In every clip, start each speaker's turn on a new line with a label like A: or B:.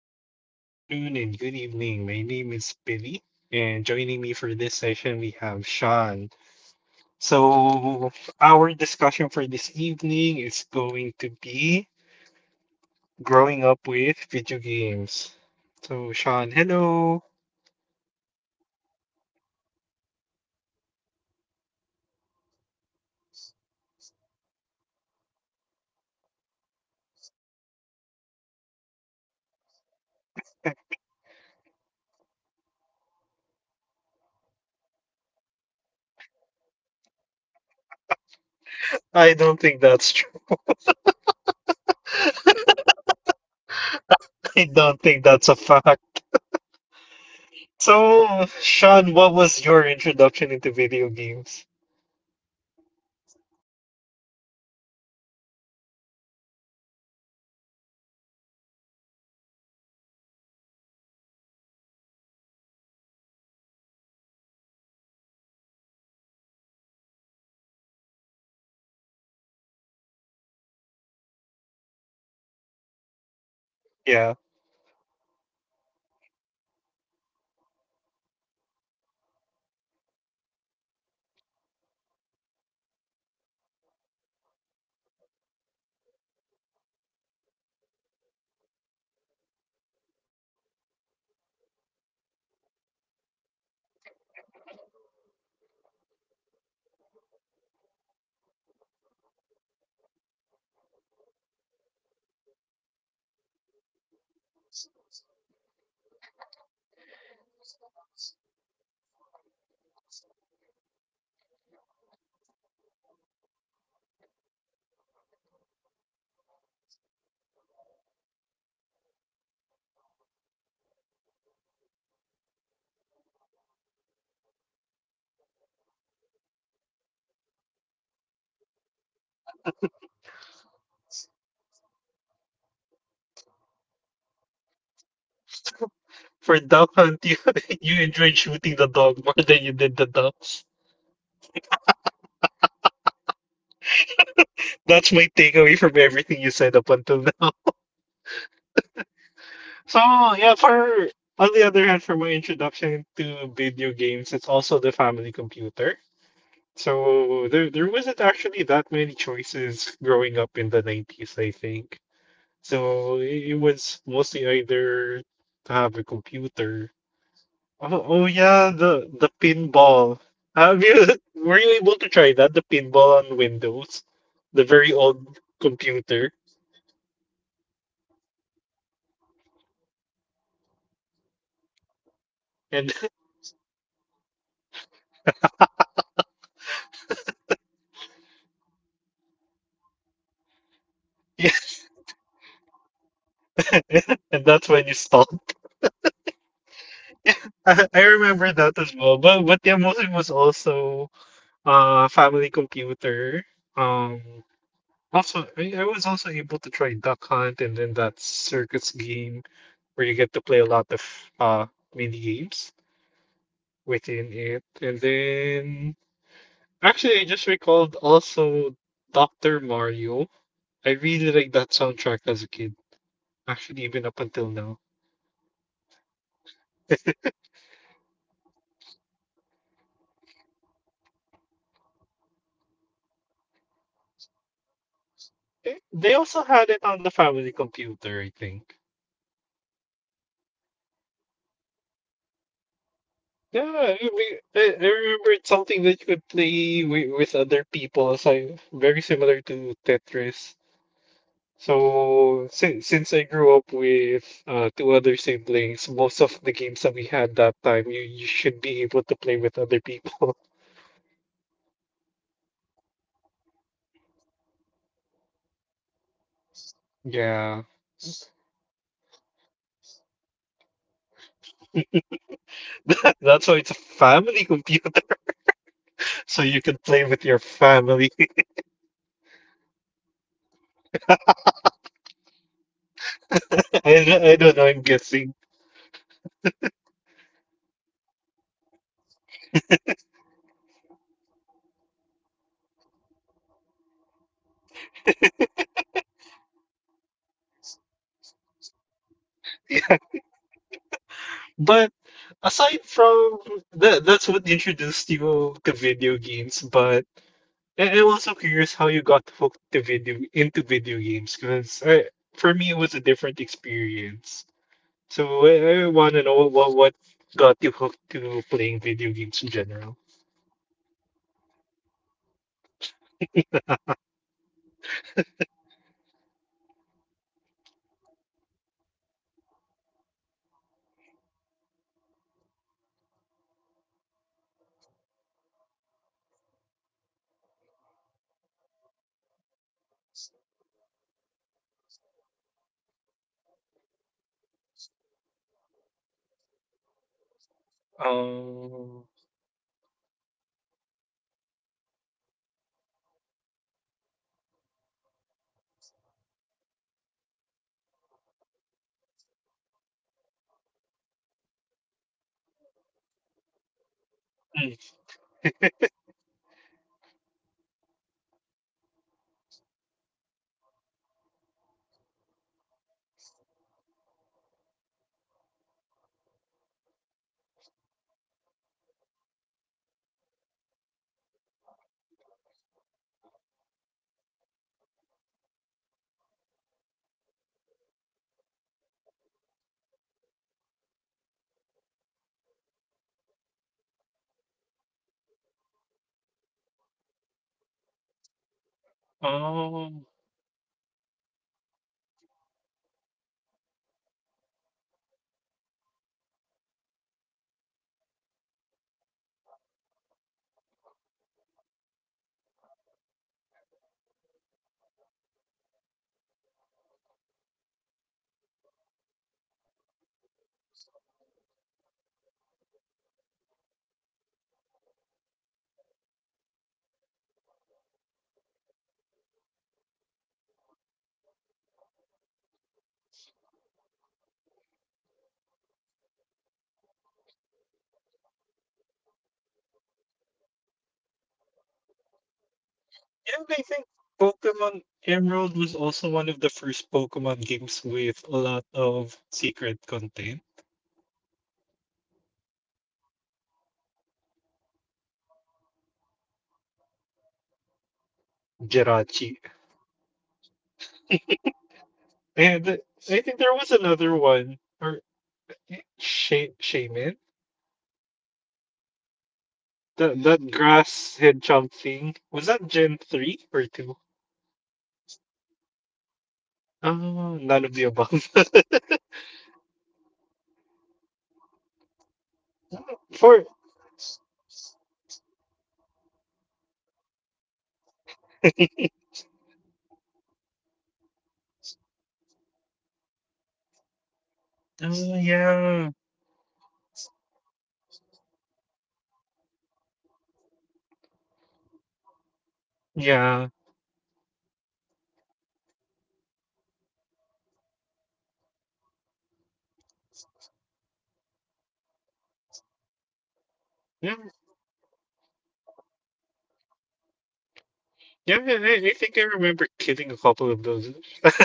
A: Good
B: good afternoon,
A: afternoon
B: and
A: and
B: good
A: good evening.
B: evening. My
A: My
B: name
A: name
B: is
A: is
B: Billy,
A: Billy,
B: and
A: and
B: joining
A: joined
B: me for this session,
A: here
B: we
A: we
B: have
A: have John.
B: Sean.
A: So,
B: So, our discussion for this evening is going to be growing up with video games. So, Sean, hello.
A: Good morning, everybody. Sean here with the most ridiculous voice accent you've ever heard in the central part of the Philippines. Just letting you know, this is the accent for all the people that goes to BGC. Sheesh. that is so I
B: I don't
A: don't cringe.
B: think that's true.
A: That is so cringe. Stop it. Shut up. I'm not gonna do that again.
B: I don't think that's a fact. So, Sean, what was your introduction into video games?
A: Okay, so I started playing games. Well, the first time that I really got introduced to games when my mom borrowed one of her relatives' Famicom, also known as the Super Nintendo Entertainment System or SNES in Japan. Yeah.
B: Yeah.
A: I played, Love playing Duck Hunt because I thought the technology was amazing for the time where you have this uh, gun and you just point it at the screen and it will uh, Aral's fire, what you aim at. So when you go for the ducks, it shoots the duck. And when you go for my favorite thing, aiming at the dog to annoy him, it really was satisfying to do. And I don't know, annoying someone else, very fun pastime to do. And it was during this time as well, wherein me and my mom would always uh, fight over the console because she wanted to play Super Mario, I wanted to play Duck Hunt, and sometimes I'd even throw in a tantrum just to play it. So that's how I got introduced to video games. What about you, Billy Boy?
B: For Duck Hunt, you enjoyed shooting the dog more than you did the ducks.
A: Yes, because I love the reaction I get from the dog.
B: That's my takeaway from everything you said up until now. So yeah, for on the other hand, for my introduction to video games, it's also the family computer. So there wasn't actually that many choices growing up in the 90s, I think. So it was mostly either to have a
A: Computer.
B: computer.
A: Thanks for making me
B: Oh,
A: Oh, feel
B: oh yeah,
A: oh,
B: the pinball.
A: old. Yeah,
B: Have you
A: pinball.
B: were you able to try that? The pinball on Windows,
A: Windows.
B: the
A: The Oh, very
B: very
A: shit, old
B: old
A: yeah. S-
B: computer.
A: Computer. Sometimes I'd even press a random button. I didn't know it shakes the machine,
B: And
A: and then all of a sudden I cannot use the bumper anymore. And I always got frustrated. Why? How? Why? Game, there's no manual. Why?
B: and that's when you stop. I remember that as well. But yeah, mostly was also family computer. Um also I was also able to try Duck Hunt, and then that circus game where you get to play a lot of uh mini games within it. And then actually I just recalled also Dr. Mario. I really like that soundtrack as a kid. Actually even
A: Even
B: up
A: up
B: until
A: until
B: now.
A: now. Oh, yeah, I think I remember playing that. I think it was from the Game Boy, Game Boy Color. Not sure if it was a Game Boy Color or Game Boy Advance, but I remember seeing it.
B: They
A: They
B: also
A: also
B: had
A: have
B: it
A: it
B: on
A: on
B: the
A: the family.
B: family computer, I think.
A: Oh, they did. Yeah, I never got to play it in the family computer.
B: Yeah,
A: Yeah.
B: I mean, I remember it's something that you could play with other people, so very similar to Tetris. So since I grew up with two other siblings, most of the games that we had that time, you should be able to play with other people.
A: Oh yeah, that's when they also introduced multiplayer games. Yeah.
B: Yeah.
A: Like the Super Mario Brothers with Luigi. Yep, yeah, yeah, I remember.
B: That's why it's a family computer, so you can play with your family.
A: Oh yeah, I never thought of it that way. Huh.
B: I don't know, I'm guessing.
A: But it works, it fits. It's possible, it's a valid theory. A game theory. Thanks for watching. Please don't go. It's still ongoing. The podcast is still ongoing.
B: But aside from that, that's what introduced you to video games. But I'm also curious how you got hooked to video into video games, because for me it was a different experience. So I want to know what got you hooked to playing video games in general.
A: Peer pressure. I was forced by my family. I'm kidding. Just kidding. Uh, So, uh, Back then, when the family computer was no longer accessible because it was returned to our relatives, I'm usually an outdoorsy type of boy, playing tag, hide and seek, and all that with other kids. Sometimes I would watch my neighbors play with their PS1 consoles for video
B: Um,
A: games, but I never got into it just by watching. So maybe it'll give me entertainment for the first 20 minutes because there's action, and then it'll go back to a cutscene or conversation or just the typical walking simulator of the
B: hmm,
A: RPG era. So I just got bored and just leave and then go back to playing outside. What really got me hooked, line and sinker, the Game Boy Advance SP. That, my friend, was my first video game console that is not borrowed and is actually of my ownership. And the first game that I got as well was the GOAT or my greatest of all time, Pokemon Emerald for the Game Boy Advance. Oh.
B: um,
A: I've known about Pokemon because of the anime and because my cousins were also playing it in their own Game Boys, from the Game Boy Colors, Pokemon Red. And then my other cousin had the silver one, but mostly I got into it starting on the third generation, which was the Ruby, Sapphire, and Emerald one, and really it was just an amazing experience for me, just going around the region, getting my first Pokemon Mudkip, giving my first nickname to a Pokemon, and then the weird reflections you get when you are over the water. Yeah, I,
B: and
A: and I I
B: I
A: f-
B: think
A: think found that amazing. Pokemon
B: Pokemon Emerald
A: Emerald
B: was
A: was
B: also
A: also
B: one
A: one
B: of
A: of
B: the
A: the first
B: first Pokemon
A: Pokemon games
B: games with a
A: a
B: lot
A: lot of
B: of secret
A: secret content.
B: content.
A: Yeah, the Reggies. Uh, the downloadable online content that I didn't know it had until.
B: Jirachi.
A: Jirachi. Yeah, Jirachi, Latios and
B: And
A: Latias. I
B: I think
A: think
B: there
A: there
B: was
A: was
B: another
A: a one.
B: one,
A: Or
B: or Shaman,
A: wait, that,
B: that
A: uh,
B: that
A: that
B: grass head chunk
A: thing.
B: thing. Was
A: Was
B: that
A: that
B: Gen
A: Gen
B: three
A: 3 or
B: or two?
A: 2? No, no, I think that was for Diamond and Pearl. Oh,
B: Oh,
A: that
B: none
A: no,
B: of
A: was
B: the
A: already
B: above.
A: Gen 4. That was already for Gen 4, but yeah,
B: For
A: Emerald had so much secrets that I never knew back then. Like,
B: oh yeah,
A: there's even this Pokemon that had the lowest appearance rate, Relicant. So,
B: yeah,
A: oh, at some point, I was just diving around looking for a Chimeco, the electric. Yeah.
B: yeah,
A: Water type, because I wanted to get the evolution of that one. Because having an electric type and water type is, it sounds like a good idea at the time. And then I saw Relicant.
B: yeah.
A: What are you doing here? Get out! I ran away.
B: yeah, I think I remember killing a couple of those.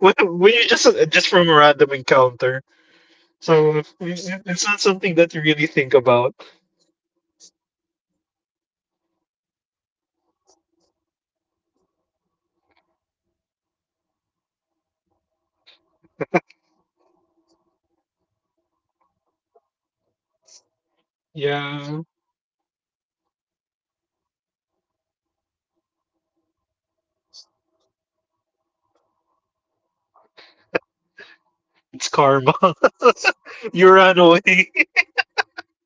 B: When you just from a random encounter,
A: Yeah,
B: so it-
A: the worst It's part
B: it's not
A: so
B: something that you really think about.
A: about. Yeah, and the worst part is after that, when my classmates told me that's actually a rare Pokemon, you should, uh, you shouldn't have done that. And then I realized it's also needed to unlock the Reggie quest. Yeah.
B: Yeah,
A: So when I tried looking for it again until my Game Boy Advance SP no longer functioned, I never found one ever at all.
B: it's
A: It's
B: karma.
A: karma. Yeah, that's karma.
B: You
A: You
B: ran
A: ran
B: away.
A: away.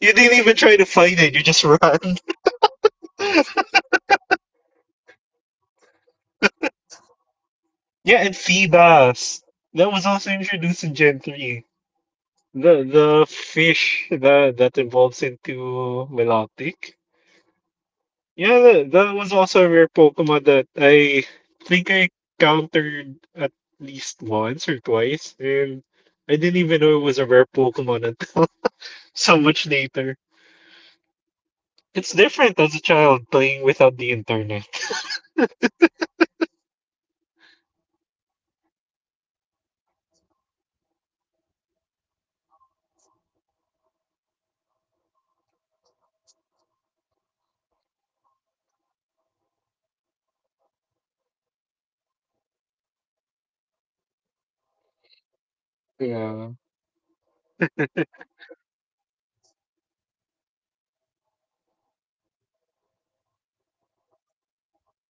B: You
A: You
B: didn't
A: didn't
B: even
A: even
B: try
A: try
B: to
A: to
B: find
A: fight
B: it,
A: it.
B: you
A: You
B: just
A: just ran.
B: ran.
A: Yeah, I want you you weren't a Chimeco. Get out. Stay away from me.
B: Yeah, and Phoebus. That
A: That
B: was
A: was
B: also
A: also
B: introduced
A: introduced
B: in
A: in
B: Gen
A: three.
B: 3.
A: Ah, Feebas. I
B: The
A: never got to
B: the
A: catch a
B: fish
A: Feebas.
B: that
A: The,
B: that
A: the
B: evolves
A: two,
B: into
A: no.
B: Melodic.
A: Yeah.
B: Yeah, that, that
A: That
B: was
A: was
B: also
A: also
B: a rare Pokemon that I think I
A: third
B: countered at
A: at least
B: least once
A: once.
B: or twice, and I didn't even know it was a rare Pokemon until so much later. It's different as a child playing without the internet.
A: Actually, yeah, because at on one hand, when you get something surprising, when you get some secret that you never knew but you discovered it, it's very satisfying to do. But the lack of internet would also mean some rumors that doesn't have any validity to them. So I've been a
B: Yeah.
A: victim of this. There was a rumor that if you already get the master ball,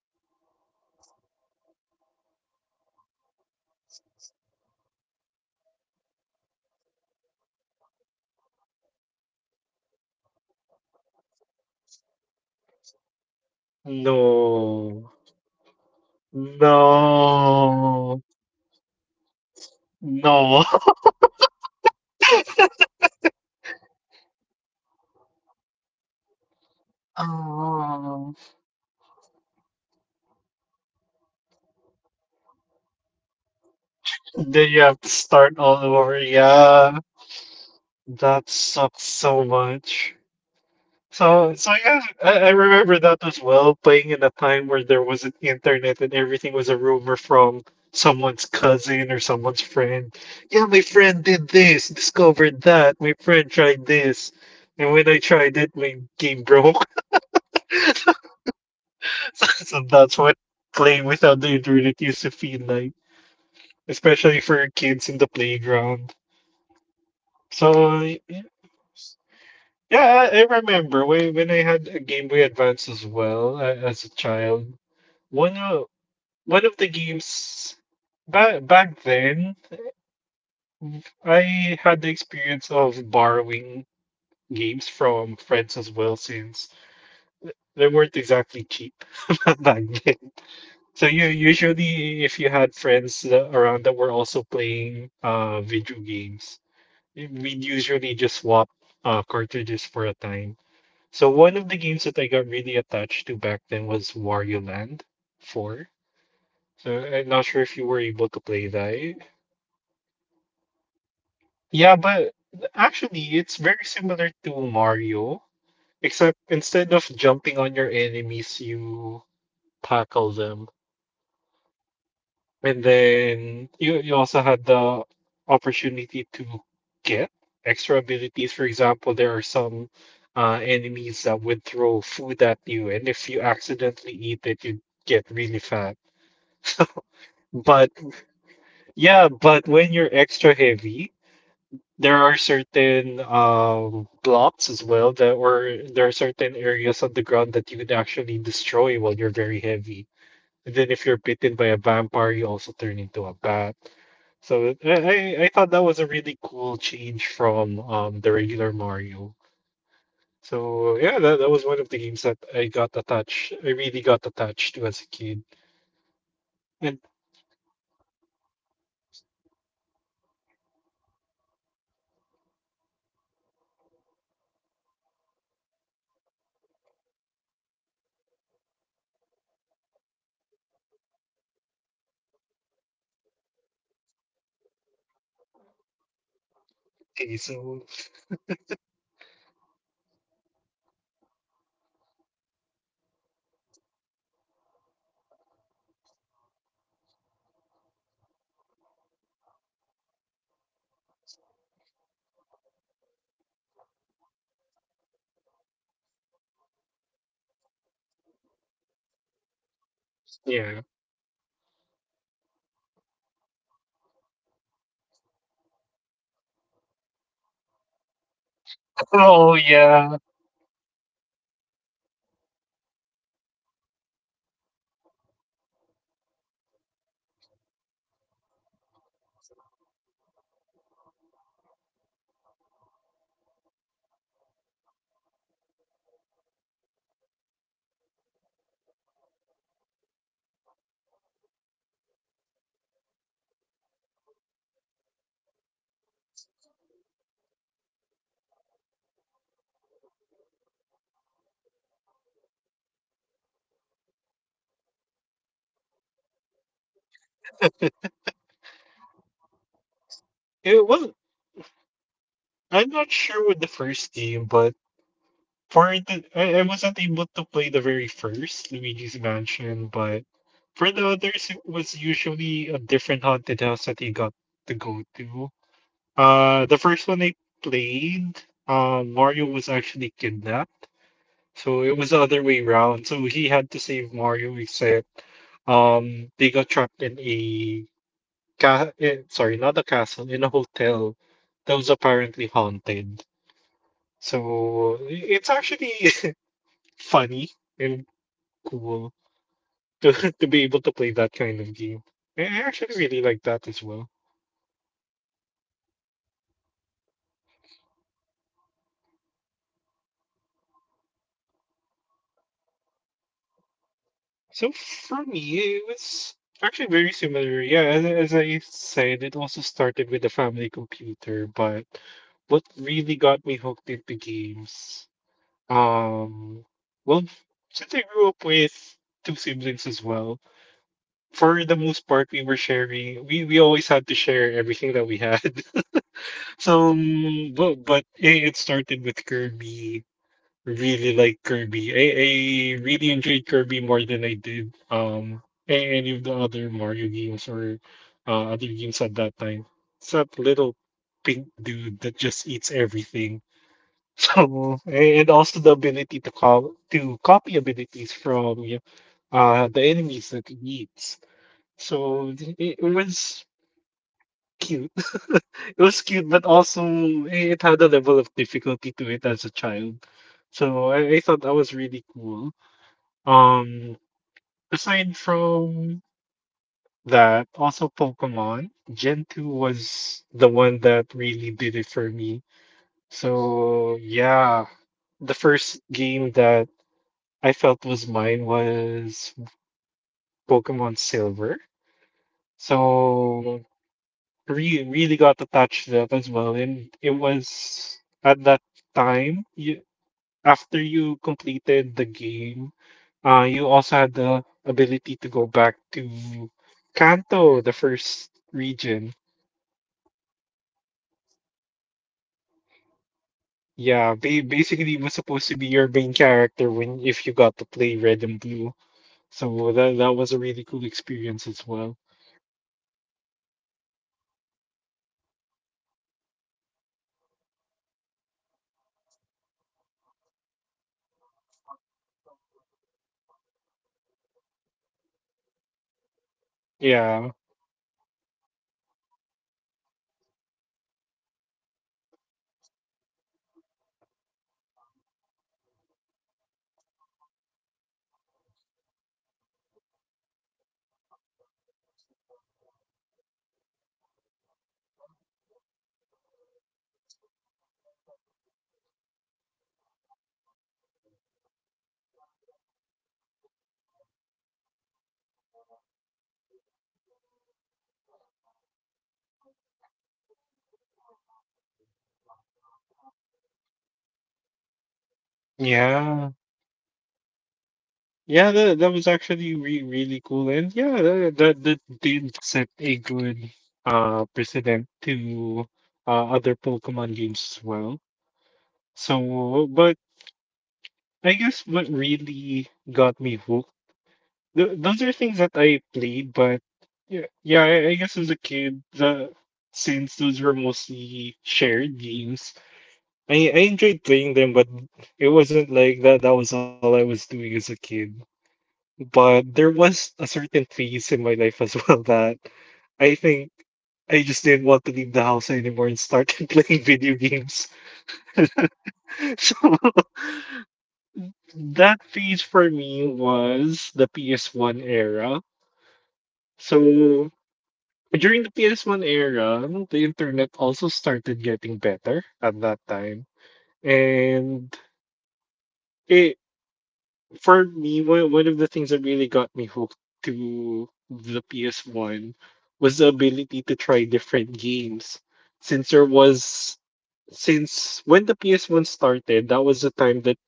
A: save your game, and while the words that says do not turn off your game appears, you're supposed to turn off your game and you will get 99 master balls, so I did that. And
B: No.
A: did you know what happened? No. My
B: No.
A: file got corrupted.
B: No,
A: I lost my save file. I lost my nickname Tailo Swallow.
B: Oh,
A: And I lost my Mudkip. I cried for days. I punched my friend.
B: then you have to start all
A: Oh,
B: over.
A: yeah. And
B: Yeah,
A: started all over again.
B: that
A: That's
B: sucks so
A: So, much.
B: much. So,
A: So
B: so
A: so
B: yeah,
A: yeah,
B: I remember that as well. Playing in a time where there wasn't internet and everything was a rumor from someone's cousin or someone's friend. Yeah, my friend did this, discovered that. My friend tried this, and when I tried it, my game broke. So, so that's what playing without the internet used to feel like, especially for kids in the playground.
A: Oh
B: So
A: man,
B: y-
A: especially
B: yes.
A: those.
B: yeah, I remember when I had a Game Boy Advance as well as a child. One of one of the games back then, I had the experience of borrowing games from friends as well since they weren't exactly cheap back then.
A: Yeah,
B: So
A: So that's
B: you
A: you- true. Usually,
B: usually if you had friends around that were also playing video games, we'd usually just swap cartridges for a time. So one of the games that I got really attached to back then was Wario Land 4. So I'm not sure if you were
A: where you
B: able
A: go.
B: to play
A: The
B: that.
A: one with a lot of mini games, right?
B: Yeah, but
A: Actually,
B: actually it's
A: it's
B: very
A: very simple.
B: similar to Mario, except instead of jumping on your enemies, you tackle them. And then you also had the opportunity to get extra abilities. For example, there are some enemies that would throw food at you, and if you accidentally eat it, you get really fat.
A: And
B: But
A: then you'll get heavy.
B: yeah, but when you're extra heavy, there are certain blocks as well that or there are certain areas on the ground that you could actually destroy while you're very heavy. And then if you're bitten by a vampire, you also turn into a bat. So I thought that was a really cool change from the regular Mario. So yeah, that, that was one of the games that I got attached. I really got attached to as a kid.
A: Yeah,
B: And
A: the thing about the Mario games is that whenever they have other characters that are playable, they have their own caveat or their own niche when you get to play them. Like I remember, although I never got to play it, I read it in K Zone. For those of you who don't know, that's
B: okay,
A: a
B: so
A: magazine that a lot of us kids used to rely on and play and read just so we can have news from the interweb on what's going on in, our, in the childhood in the children's world. So one of the things that I read, was from the Princess Peach's game in the DS. So
B: yeah.
A: I never got to play it, but I thought it was amazing how Princess Peach has a sentient umbrella. That,
B: Oh
A: oh, yeah.
B: yeah.
A: That has different abilities, and I'm like, huh, so that's how Princess Peach fights, and then instead, she does jump, but she also has the capability to float downwards with her parasol, and I just thought that was a neat idea, even when Luigi got his own game in Luigi's Mansion, his own mechanics isn't really jumping around. It's using a vacuum to suck and go, trap them, and then to exercise? His house? Is that the right term? Ghost bus his house?
B: It wasn't. I'm not sure with the first game, but for the I wasn't able to play the very first Luigi's Mansion, but for the others, it was usually a different haunted house that you got to go to. The
A: Oh.
B: first one I played, Mario was actually kidnapped, so it was the other way around. So he had to save Mario, except they got trapped in a sorry, not a castle, in a hotel that was apparently haunted. So it's actually funny and cool to, to be able to play that kind of game. I
A: Yeah,
B: actually
A: that's
B: really
A: true.
B: like that as well.
A: So, what got you into games? What hooked you in playing video games?
B: So for me, it was actually very similar. Yeah, as I said, it also started with the family computer, but what really got me hooked into games, um, well, since I grew up with two siblings as well, for the most part, we were sharing, we always had to share everything that we had. So, it started with Kirby. Really like Kirby. I really enjoyed Kirby more than I did any of the other Mario games or other games at that time. It's that little pink dude that just eats everything.
A: Mm-hmm.
B: So,
A: Mm-hmm.
B: and also the ability to call to copy abilities from the enemies that he eats. So it was cute. It
A: It
B: was
A: was
B: cute,
A: cute,
B: but
A: but
B: also
A: also it
B: it had a level of
A: go
B: difficulty to
A: through it
B: it
A: as
B: as a
A: a child.
B: child.
A: So
B: So I thought that
A: it's
B: was
A: really
B: really cool.
A: cool.
B: Um, aside from that, also Pokemon Gen 2 was the one that
A: Really
B: really did
A: did
B: it
A: it for
B: for
A: me.
B: me.
A: Gold and So,
B: So
A: silver. Yeah.
B: yeah, the
A: This
B: first game
A: game
B: that I felt
A: was
B: was
A: my
B: mine
A: is
B: was Pokemon
A: Pokemon
B: Silver.
A: Silver. So
B: So
A: really
B: really
A: really
B: really
A: got
B: got attached
A: attached
B: to
A: to that
B: that
A: as
B: as well,
A: well and
B: and it
A: it was
B: was at that time you after you completed
A: the
B: the
A: game
B: game you also had the ability to go back
A: to
B: to
A: Oh yeah.
B: Kanto, the
A: the first
B: first
A: region.
B: region.
A: And then you get to fight the previous champion of the previous game, which is red.
B: Yeah, basically it was supposed to be
A: Supposedly
B: your main character when if you got to play Red and Blue, so that that was a
A: really
B: really
A: cool
B: cool
A: experience
B: experience
A: as
B: as
A: well.
B: well.
A: Yeah, all in all, I think Pokemon Silver and Gold, they really made the best blueprint when it comes to fight the trope wherein you fight the previous character that you used
B: yeah
A: and I think that I always think that that is such a cool trope where the previous character you've been using that you uh, did your best to make strong, that you went through their story from start to finish. You get to fight them in the sequel, or you get to see them, or go against them in the sequel. Just so it's just such a very amazing trope for me because it's like you get to see an old friend again and you get to see how they're doing so far after you've last seen them in their previous games. It's like
B: yeah
A: what's the best example?
B: Yeah, that, that was actually re really cool. And yeah, that did set a good precedent to other Pokemon games as well. So, but I guess what really got me hooked, th those are things that I played, but yeah, yeah, I guess as a kid, the since those were mostly shared games, I enjoyed playing them, but it wasn't like that that was all I was doing as a kid. But there was a certain phase in my life as well that I think I just didn't want to leave the house anymore and started playing video games.
A: Dang.
B: So that phase for me was the PS1 era. So during the PS1 era, the internet also started getting better at that time. And it for me, one of the things that really got me hooked to the PS1 was the ability to try different games. Since there was, since when the PS1 started, that was the time that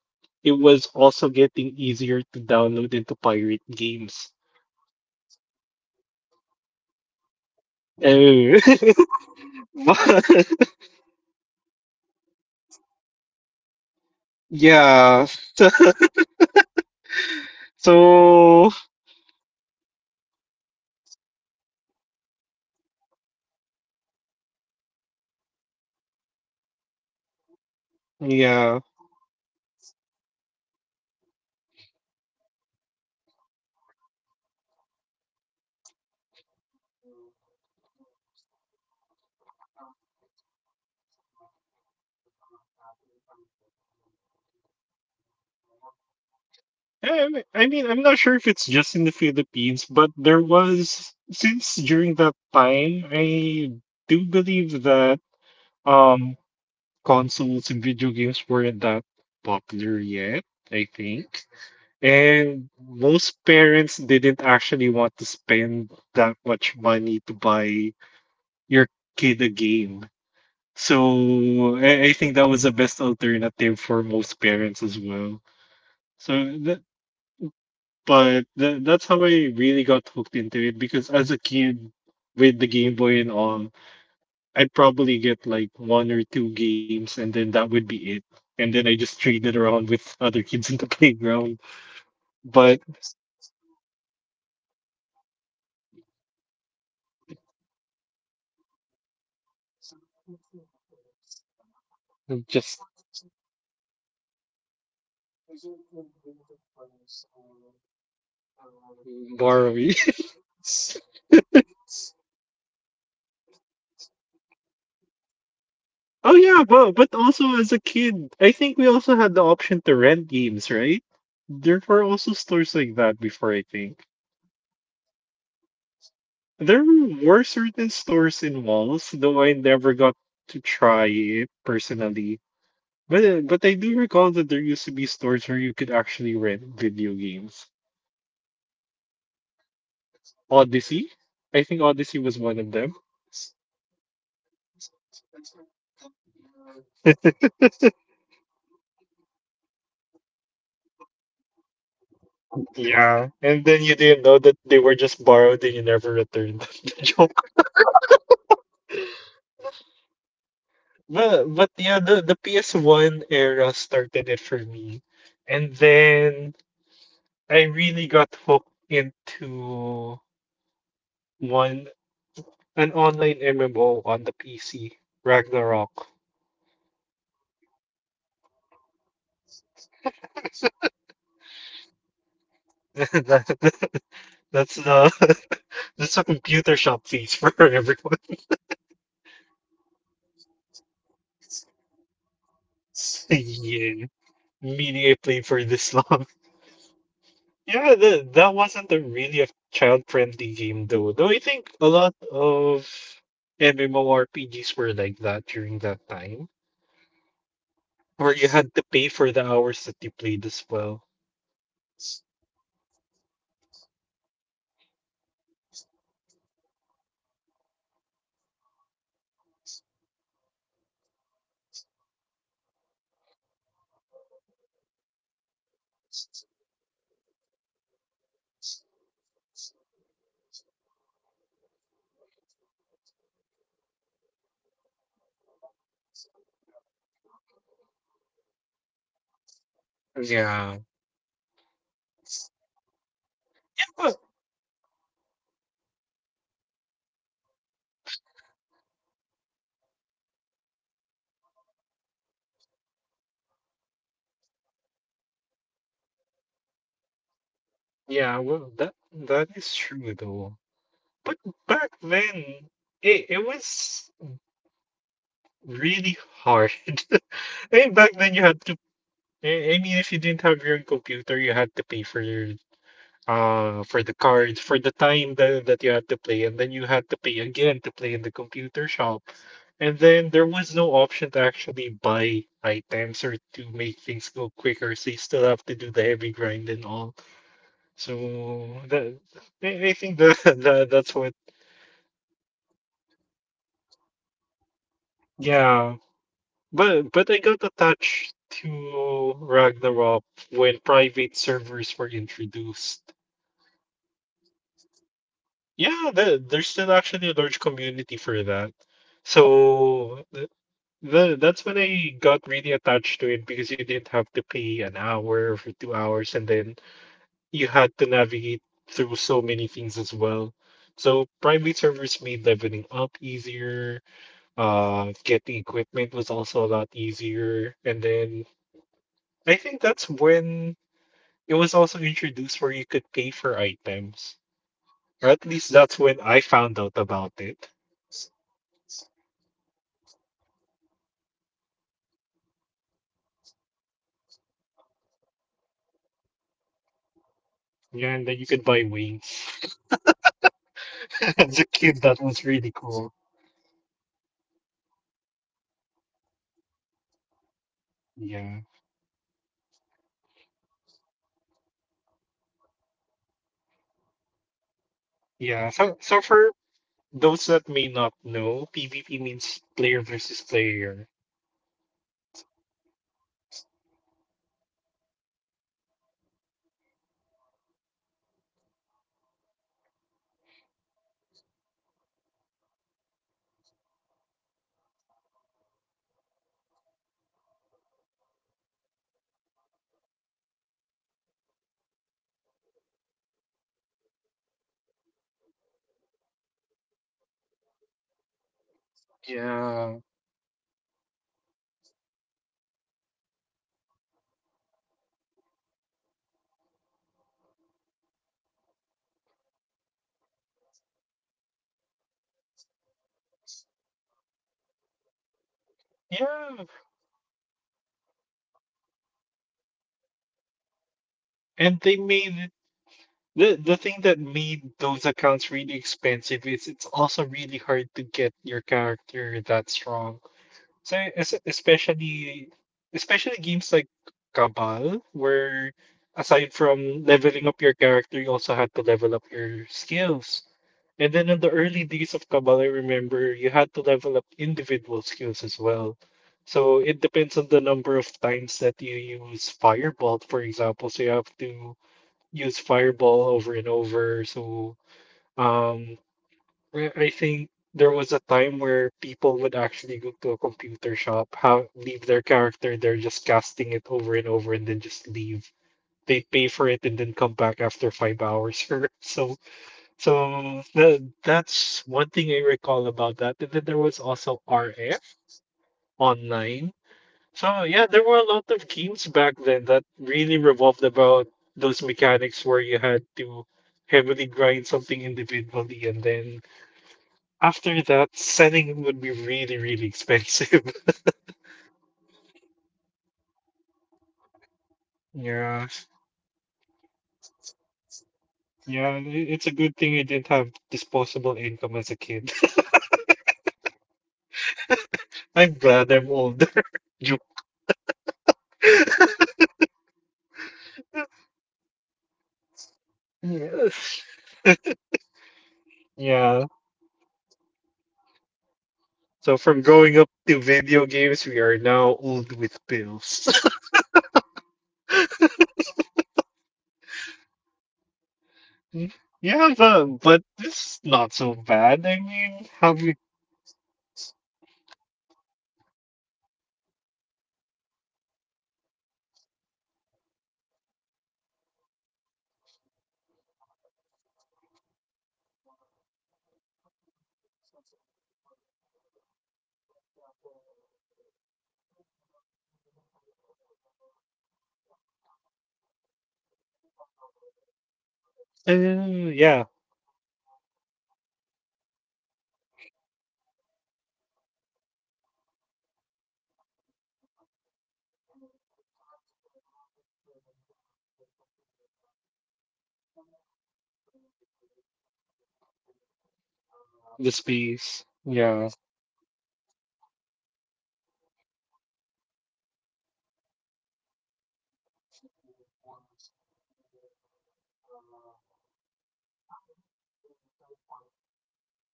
B: it was also getting easier to download and to pirate games.
A: Okay, I was gonna ask if we're allowed to talk about that, but
B: Eh, but-
A: well, let's not sugarcoat it.
B: yeah. So,
A: So here in the Philippines, back then it was a very prevalent. Is that a good term?
B: yeah.
A: Common. It's actually a common thing for some random disc seller to sell you games that are for the PS2 for the PS1 which are actually pirated and you get to play using your own console.
B: Yeah, I mean, I'm not sure if it's just in the Philippines, but there was since during that time, I do believe that um consoles and video games weren't that popular yet, I
A: Yes,
B: think.
A: that's true.
B: And most parents didn't actually want to spend that much money to buy your kid a game.
A: So
B: So I think that was the best alternative for most parents as well. So th But tha that's how I really got hooked into it because as a kid with the Game Boy and all, I'd probably get like one or two games and then that would be it. And then I just traded around
A: with
B: with
A: other
B: other
A: kids
B: kids
A: in
B: in the
A: the playground.
B: playground.
A: Basically,
B: But
A: this is our uh, what do you call this? This is our equivalent to GameStop. Instead of renting games
B: just
A: for a cheaper alternative, is really trade games with friends or go
B: borrowing.
A: to the nearest nearest what do you call this nearest wet market.
B: Oh yeah, but also as a kid, I think we also had the option to rent games, right? There were also stores like that before, I think.
A: I never got to see it to be honest.
B: There were certain stores in malls, though I never got to try it personally. But I do recall that there used to be stores where you could actually rent video games.
A: Oh, too bad that's no longer.
B: Odyssey? I think Odyssey was one of them.
A: Oh, Odyssey! Man, I miss Odyssey. That's where I got rare games. Because no one would ever think to buy games at a music shop.
B: Yeah, and then you didn't know that they were just borrowed and you never returned them. Joke.
A: Real.
B: But yeah, the PS1 era started it for me. And then I really got hooked into one an online MMO on the PC, Ragnarok.
A: Oh yeah. Oh yeah, that's hitting the good spot for nostalgia bait.
B: That- That's the That's a computer shop fees for everyone.
A: Where everyone keeps flexing, I have this many level of cards.
B: Yeah, meaning I played for this long. Yeah, that wasn't a really a child-friendly game though. Though I think a lot of MMORPGs were like that during that time,
A: Mm-hmm. It
B: where you
A: just
B: had to pay for the hours that you played as well.
A: yeah, it's well, basically it's still this. It, you still get to spend money on f- uh, air quotes free to play games nowadays, but it's more of for accessibility features. Like if you want to get something faster, spend more money, but if not, it's really just an optional thing, which is why there's something that we all like to call whales versus
B: Yeah.
A: free to play players. Whales
B: But
A: because they're the ones who likes to spend money in the vast ocean of games that are existing in the internet right now.
B: yeah, well, that is true though. But back then, it was really hard. I mean, back
A: Mhm,
B: then you had to.
A: mhm.
B: I mean, if you didn't have your own computer, you had to pay for your for
A: For
B: the card
A: renting.
B: for the time that,
A: Mhm.
B: you had to play, and then you had to pay again to play in the computer shop,
A: Exactly.
B: and then there was no option to actually buy items
A: to
B: or to
A: make
B: make things
A: things go
B: go
A: quick
B: quicker, so you still
A: stuff
B: have
A: to
B: to
A: do
B: do
A: the
B: the heavy
A: grind
B: grind
A: and
B: and
A: all.
B: all.
A: Hmm So
B: So that
A: I
B: I
A: think
B: think that, that that's what
A: the gameplay loop just to earn, just for the company to earn money. yeah.
B: yeah, but I got attached to Ragnarok when private servers were introduced.
A: oh yeah, yeah, yeah. They still exist even now. Yeah.
B: Yeah,
A: that-
B: there's still actually a large community for that. So that's when I got really attached to it because you didn't have to pay an hour for 2 hours, and then you had to navigate through so many things as well. So private servers made leveling up easier. Getting equipment was also a lot easier, and then I think that's when it was also introduced where you could pay for items,
A: Oh yeah,
B: or at
A: because
B: least
A: there
B: that's
A: that's when
B: when
A: I
B: I
A: are found
B: found out about it.
A: it. There are some private servers whose goals are just to get to the end game faster because they want to start entering the PvP modes.
B: Yeah, and then you
A: Because
B: could buy wings.
A: yeah,
B: As
A: because
B: a
A: that's
B: kid, that was
A: where
B: really
A: that's
B: cool.
A: where the actual meat of the private service contents are, at the
B: Yeah.
A: PvP, and there are some players who really find that as the most enticing.
B: Yeah.
A: Even
B: So
A: now,
B: for
A: Those
B: those that may not
A: No,
B: know,
A: PvP
B: PvP
A: means
B: means
A: player.
B: player
A: Player
B: versus
A: versus player.
B: player.
A: Yeah, so even now, there's even what do you call- there's still a community for old games from out from that era that is still being continued privately because of how some people profit over it, and then there are those that are just really enjoying the gameplay loop of what they're doing, like Ragnarok, Cabal, that still exists. Yeah
B: Yeah.
A: and that is a really big thing because my I had a friend back then who would grind characters there and then they'll sell it once they get to the end game Yeah. for
B: Yeah.
A: around 5 to 10k dependent on the gear that they have
B: And the thing that made those accounts really expensive is it's also really hard to get your character that strong.
A: exactly
B: So es especially especially games like Cabal, where aside from leveling up your character, you also had to level up your skills. And then in the early
A: hmm
B: days of Cabal, I remember you had to level up individual skills as well. So it depends on the number of times that you use Fireball, for example. So you have to use Fireball over and over. So, um well, I think there was a time where people would actually go to a computer shop, have leave their character there, just casting it over and over, and then just leave. They pay for it and then come back after 5 hours. So, that's one thing I recall about that. And then there was
A: and the
B: also
A: grinding is
B: RF
A: crazy
B: online. So yeah, there were a lot of games back then that really revolved about those mechanics where you had to heavily grind something individually, and then after that, selling would be really, really expensive.
A: Yeah, and the thing is, there are people that would buy. Yeah.
B: Yeah.
A: There's a lot of them. That's what's surprising.
B: Yeah, it's
A: Yeah.
B: a good thing I didn't have disposable income as a kid.
A: true, true, true, true, true, true, true, true, true, true.
B: I'm glad I'm older. You.
A: Most of our money is being delivered to bills and
B: Yes.
A: contributions. Take me Yeah.
B: Yeah.
A: back to the days where I didn't have to think about this,
B: So from
A: please.
B: growing up to video games, we are now old with pills.
A: Uh huh. We lose the console, we get the bills.
B: Mm, yeah,
A: Yeah,
B: but
A: this is
B: this is not so bad. I mean,
A: Yeah,
B: how
A: I
B: we,
A: mean games these days, although they are pricier, that's it, the thing is that they are still evolving. They're still trying to find ways to innovate themselves for it for them to be accessible to other people. Like for example, the current game that I'm really playing right now that I've never stopped, it's a game called Helldivers, Helldivers 2.
B: uh, yeah,
A: I already told you this before, but they used to have a memory space of 128 gigabytes. And because there have been players that have been complaining that they can't continue playing the game because they needed um,
B: the
A: the, The memory,
B: space.
A: the memory
B: Yeah.
A: space for other games that they want to try. So what did the company do? So Arrowhead Games, what they did was they uh, hired a third party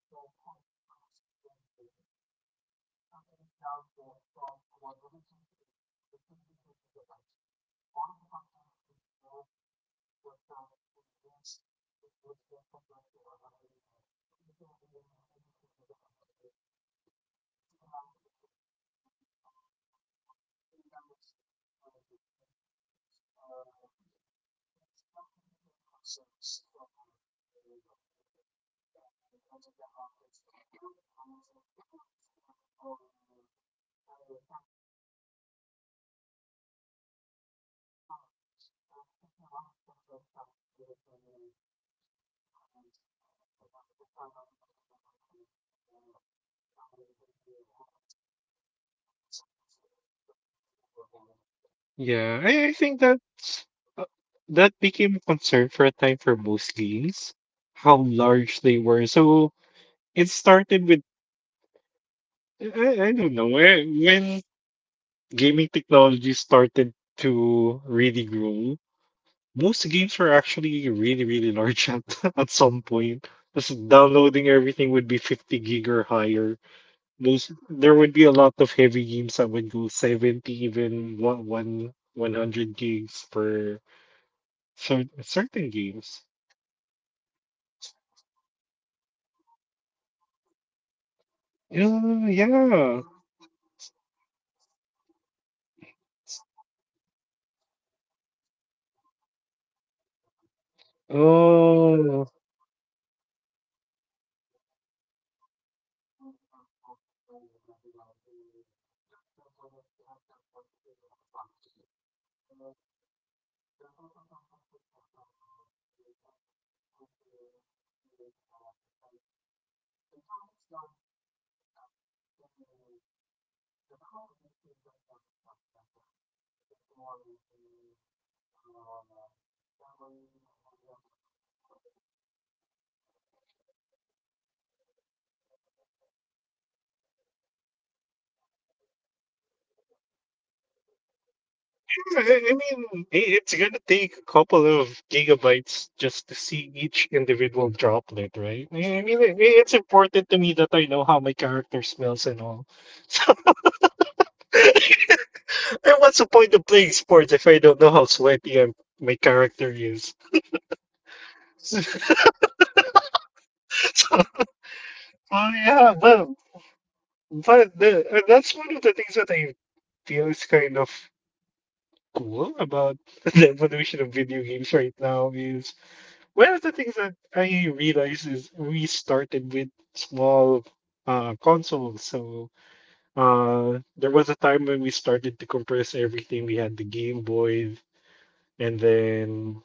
A: to compress their game, cutting it down from 128 to 32 gigabytes. All of the content that it had for the past 2 years, it was just compressed to 100 into a 32 gigabyte game. And because of that, the game is getting a lot of positive feedbacks because it keeps it's validating the concerns from the community. And because of that, a lot of players are going back. A lot of players that are starting to pick up the game. One of my friends started playing it again. Oh,
B: Uh.
A: has picked it up for the first time. Played it earlier, and because they found out about the memory thing and how they've always been at the side of the players overall. Yeah,
B: Yeah, I,
A: I
B: I
A: think
B: think uh, that became a concern for a time for most leagues, how large they were. So it started with... I don't know where when gaming technology started to really grow. Most games were actually really, really large at some point.
A: that's
B: Just
A: down
B: downloading everything would be 50 gig or higher.
A: Well,
B: Those
A: Yeah,
B: there would
A: and
B: be a lot of heavy games that would go 70, even one hundred gigs per
A: so,
B: certain games.
A: yeah, one of the most famous one coming from Call of Duty. So
B: Oh,
A: one, a Yeah.
B: yeah.
A: lot of players always. I think at some point it even got as near as 190 gigabyte Oh. because
B: Oh.
A: it was a game that had a lot of game modes. However, it was not optimized very well to that to the point that it had that much big of a file. And then there's also some complaints about the game NBA 2K a two K a few years back because the graphics got better. The developers claim that the graphics got better, which is why the uh, memory or the space needed got larger as well. But when people played it, what they saw was just you just added sweat mechanics to the basketball players. That's it.
B: I mean, it's gonna take a couple of gigabytes just to see each individual droplet, right? I I mean, i- i-
A: it's
B: it's
A: important
B: important to me
A: to
B: that
A: make
B: I know how my character smells and all. So, and
A: like
B: what's the point of playing sports if I don't know how sweaty my character is?
A: Well, that's true.
B: So, oh yeah, but that's one of the things that I feel is kind of cool about the evolution of video games right now is. One of the things that I realized is we started with small, consoles. So there was a time when we started to compress everything. We had the Game Boy, and then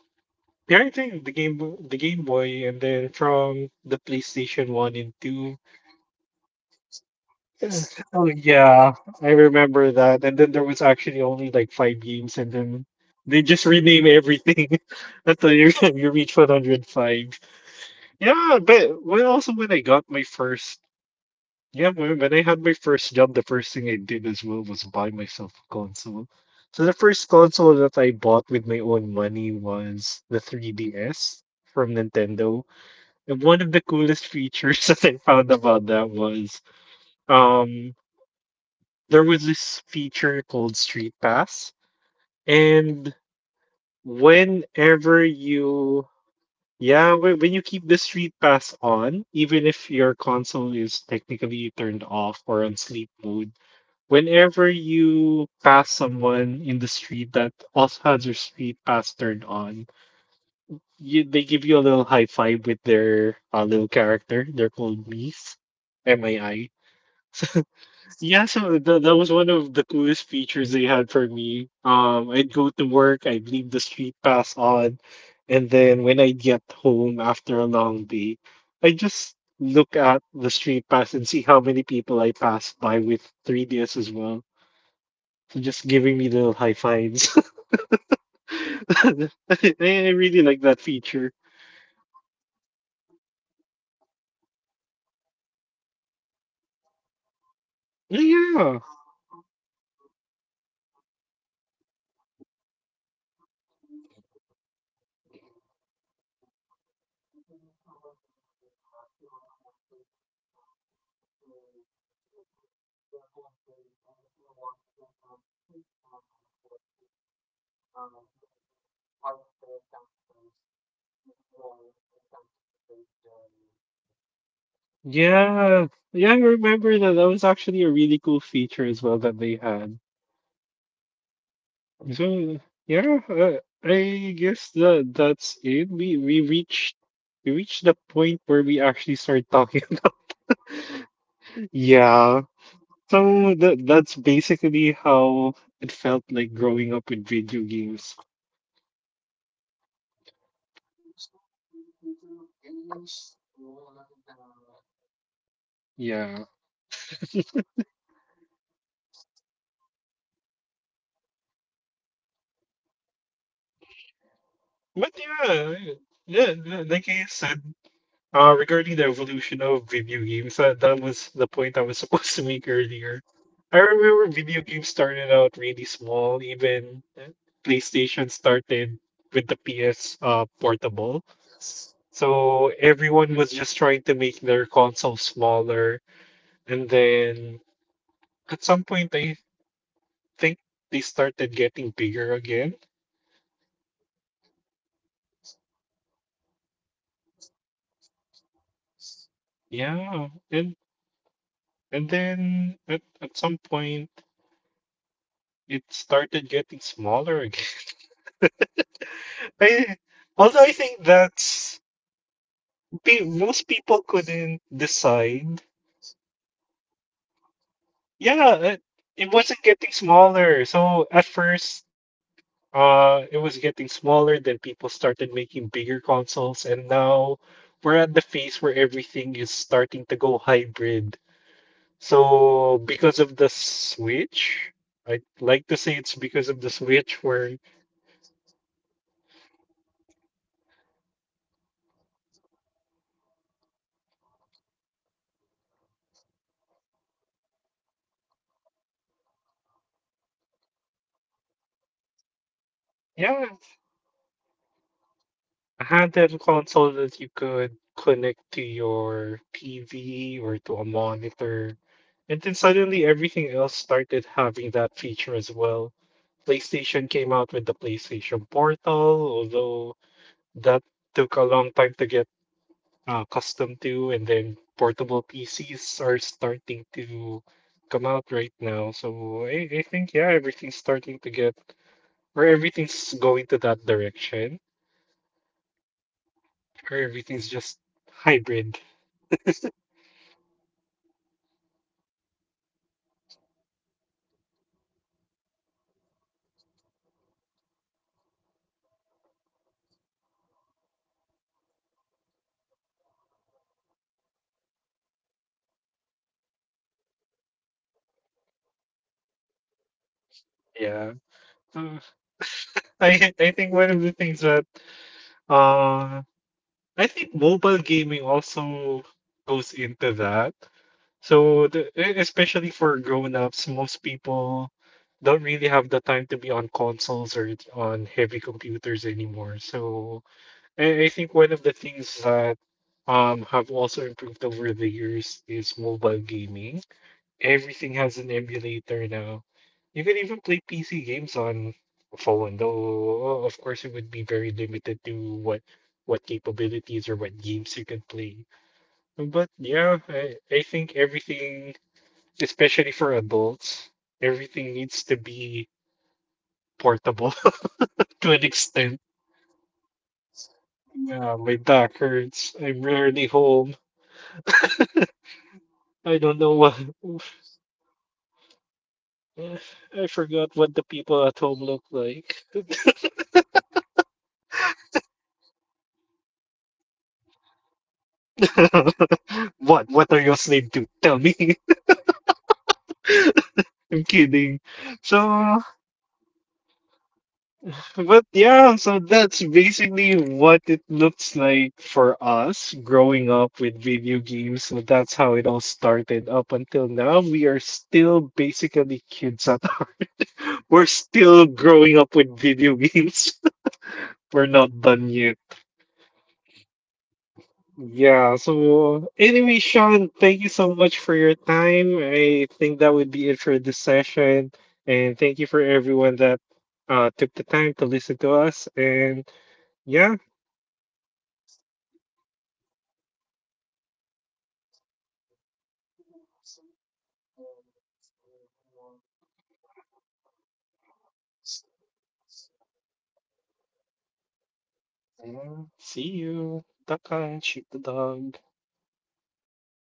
B: yeah, I think the Game Boy, and then from the PlayStation One and Two.
A: The 105 games in one disc. yeah,
B: Yes. Oh yeah,
A: I
B: I
A: remember.
B: remember that. And then there was actually only like five games, and then they
A: Everything's just
B: just rename
A: repeating
B: everything
A: different
B: until you
A: names.
B: you reach 105. Yeah, but well, also when I got my first, yeah, when I had my first job, the first thing I did as well was buy myself a console. So the first console that I bought with my own money was the 3DS from Nintendo. And one of the coolest features that I found about that was, um there was this feature called Street Pass. And whenever
A: Oh yeah, I
B: you,
A: remember that.
B: yeah, when you keep the street pass on, even if your console is technically turned off or on sleep mode, whenever you pass someone in the street that also has their street pass turned on, they give you a little high five with their little character. They're called Mies, Mii.
A: The little miss.
B: Yeah, so
A: That's a,
B: that was one of the coolest features they had for me. I'd go to work, I'd leave the street pass on, and then when I'd get home after a long day, I'd just look at the street pass and see how many people I passed by with 3DS as well, so just giving me little high fives. I I really like that
A: feature.
B: feature.
A: I think the, one of the best part of that feature is sometimes it's integrated in a few of the games as well, like
B: Yeah.
A: Fire Emblem Awakening, where that game you can build your own base, right? And then if you meet someone in Street Pass, you automatically get access to see their own base, and if you want, you can have siege battles wherein you can fight their characters using yours and try to invade their base.
B: Yeah, yeah, I remember that. That was actually a really cool feature as well that they had. So yeah, I guess that's it. We reached the point where we actually start talking.
A: The point of no return.
B: Yeah. So that's basically how it felt like growing up with video games.
A: I just wish for the future of games they won't let me down Yeah.
B: Yeah.
A: because they have this habit of hyping you up and then bam disappointment. But
B: But
A: yeah,
B: yeah,
A: yeah,
B: yeah, li-
A: like
B: like
A: I
B: I
A: said,
B: said,
A: how
B: regarding the
A: evolution
B: evolution of
A: video
B: video
A: games.
B: games,
A: That's
B: that was the point I was supposed to make
A: the
B: earlier.
A: video. I
B: I
A: remember
B: remember
A: video
B: video
A: games
B: games started out really
A: this wall,
B: small, even
A: please
B: PlayStation
A: start
B: started
A: with
B: with
A: the
B: the
A: piers.
B: PS, portable.
A: Yes.
B: So everyone was just trying to make their console smaller, and then
A: At
B: at
A: some
B: some point I
A: thing.
B: think they started getting bigger again.
A: Yep, I think it's by the time of yeah, PS5 and Xbox One S. yeah,
B: Yeah,
A: and,
B: and
A: and
B: and
A: then
B: then
A: at,
B: at,
A: at
B: at
A: some
B: some
A: point
B: point
A: it
B: it
A: started
B: started
A: getting
B: getting
A: smaller.
B: smaller again.
A: Again.
B: I, although I think that's
A: I think what
B: pe
A: you're Because
B: most
A: referring people to
B: people
A: is couldn't
B: couldn't
A: for
B: decide.
A: PC handheld consoles. Yeah,
B: Yeah, it,
A: it
B: it
A: wasn't.
B: wasn't getting smaller. So at first, it was getting smaller. Then people started making bigger consoles, and now we're at the phase where everything is starting to go hybrid. So because of the Switch, I'd
A: Lake
B: like
A: Beach.
B: to say it's because of the Switch
A: I
B: where,
A: think yeah, it's a valid what do you call this? It's a valid uh, thought if you see the switch as the uh, what do you call this? The pace setter Yeah.
B: yeah.
A: of hybrid video game consoles.
B: I had that console that you could connect to your TV or to a
A: Yup.
B: monitor. And then suddenly everything else started having that feature as well. PlayStation came out with the PlayStation Portal, although that took a long time to get accustomed to, and then portable PCs are starting to come out right now. So I think, yeah, everything's starting to get, or everything's going to that direction, or everything's just hybrid.
A: Yeah, I believe so. Uh, And I think that's a good thing to do because, again, innovation is the name of the game. And the better the thing is, the more product profitable it is for the companies and the more enjoyable it will be for the consumers as well. So, yeah.
B: Yeah. So I think one of the things that, uh I think mobile gaming also goes into that. So especially for grown-ups, most people don't really have the time to be on consoles or it's on heavy computers anymore. So I think one of the things that have also improved over the years is mobile gaming. Everything has an emulator now. You can even play PC games on phone, though of course it would be very limited to what capabilities or what games you can play. But yeah, I think everything, especially for adults, everything needs to be portable to an extent.
A: Yeah, because my back hurts. I,
B: Yeah, my back hurts. I'm rarely home.
A: I don't have the
B: I don't know
A: capability
B: what
A: to sit down for a long time anymore.
B: I forgot what the people at home look like.
A: We are slaves to money.
B: What? What are you a slave to? Tell me. I'm kidding.
A: I'm Mr.
B: So,
A: Krabs and I like money.
B: but yeah, so that's basically what it looks like for us growing up with video games. So that's how it all started up until now. We are still basically kids at heart. We're still growing up with video games. We're not done yet.
A: Heck yeah.
B: Yeah, so anyway, Sean, thank you so much for your time. I think that would be it for this session. And thank you for everyone that took the time to listen to us. And yeah,
A: I hope this podcast was able to give you a better insight to the gaming, video gaming history, and if you want, oh, sorry. Hope I get to see you guys in another video game soon. See ya.
B: and see you. Duck
A: See
B: and shoot the dog.
A: you.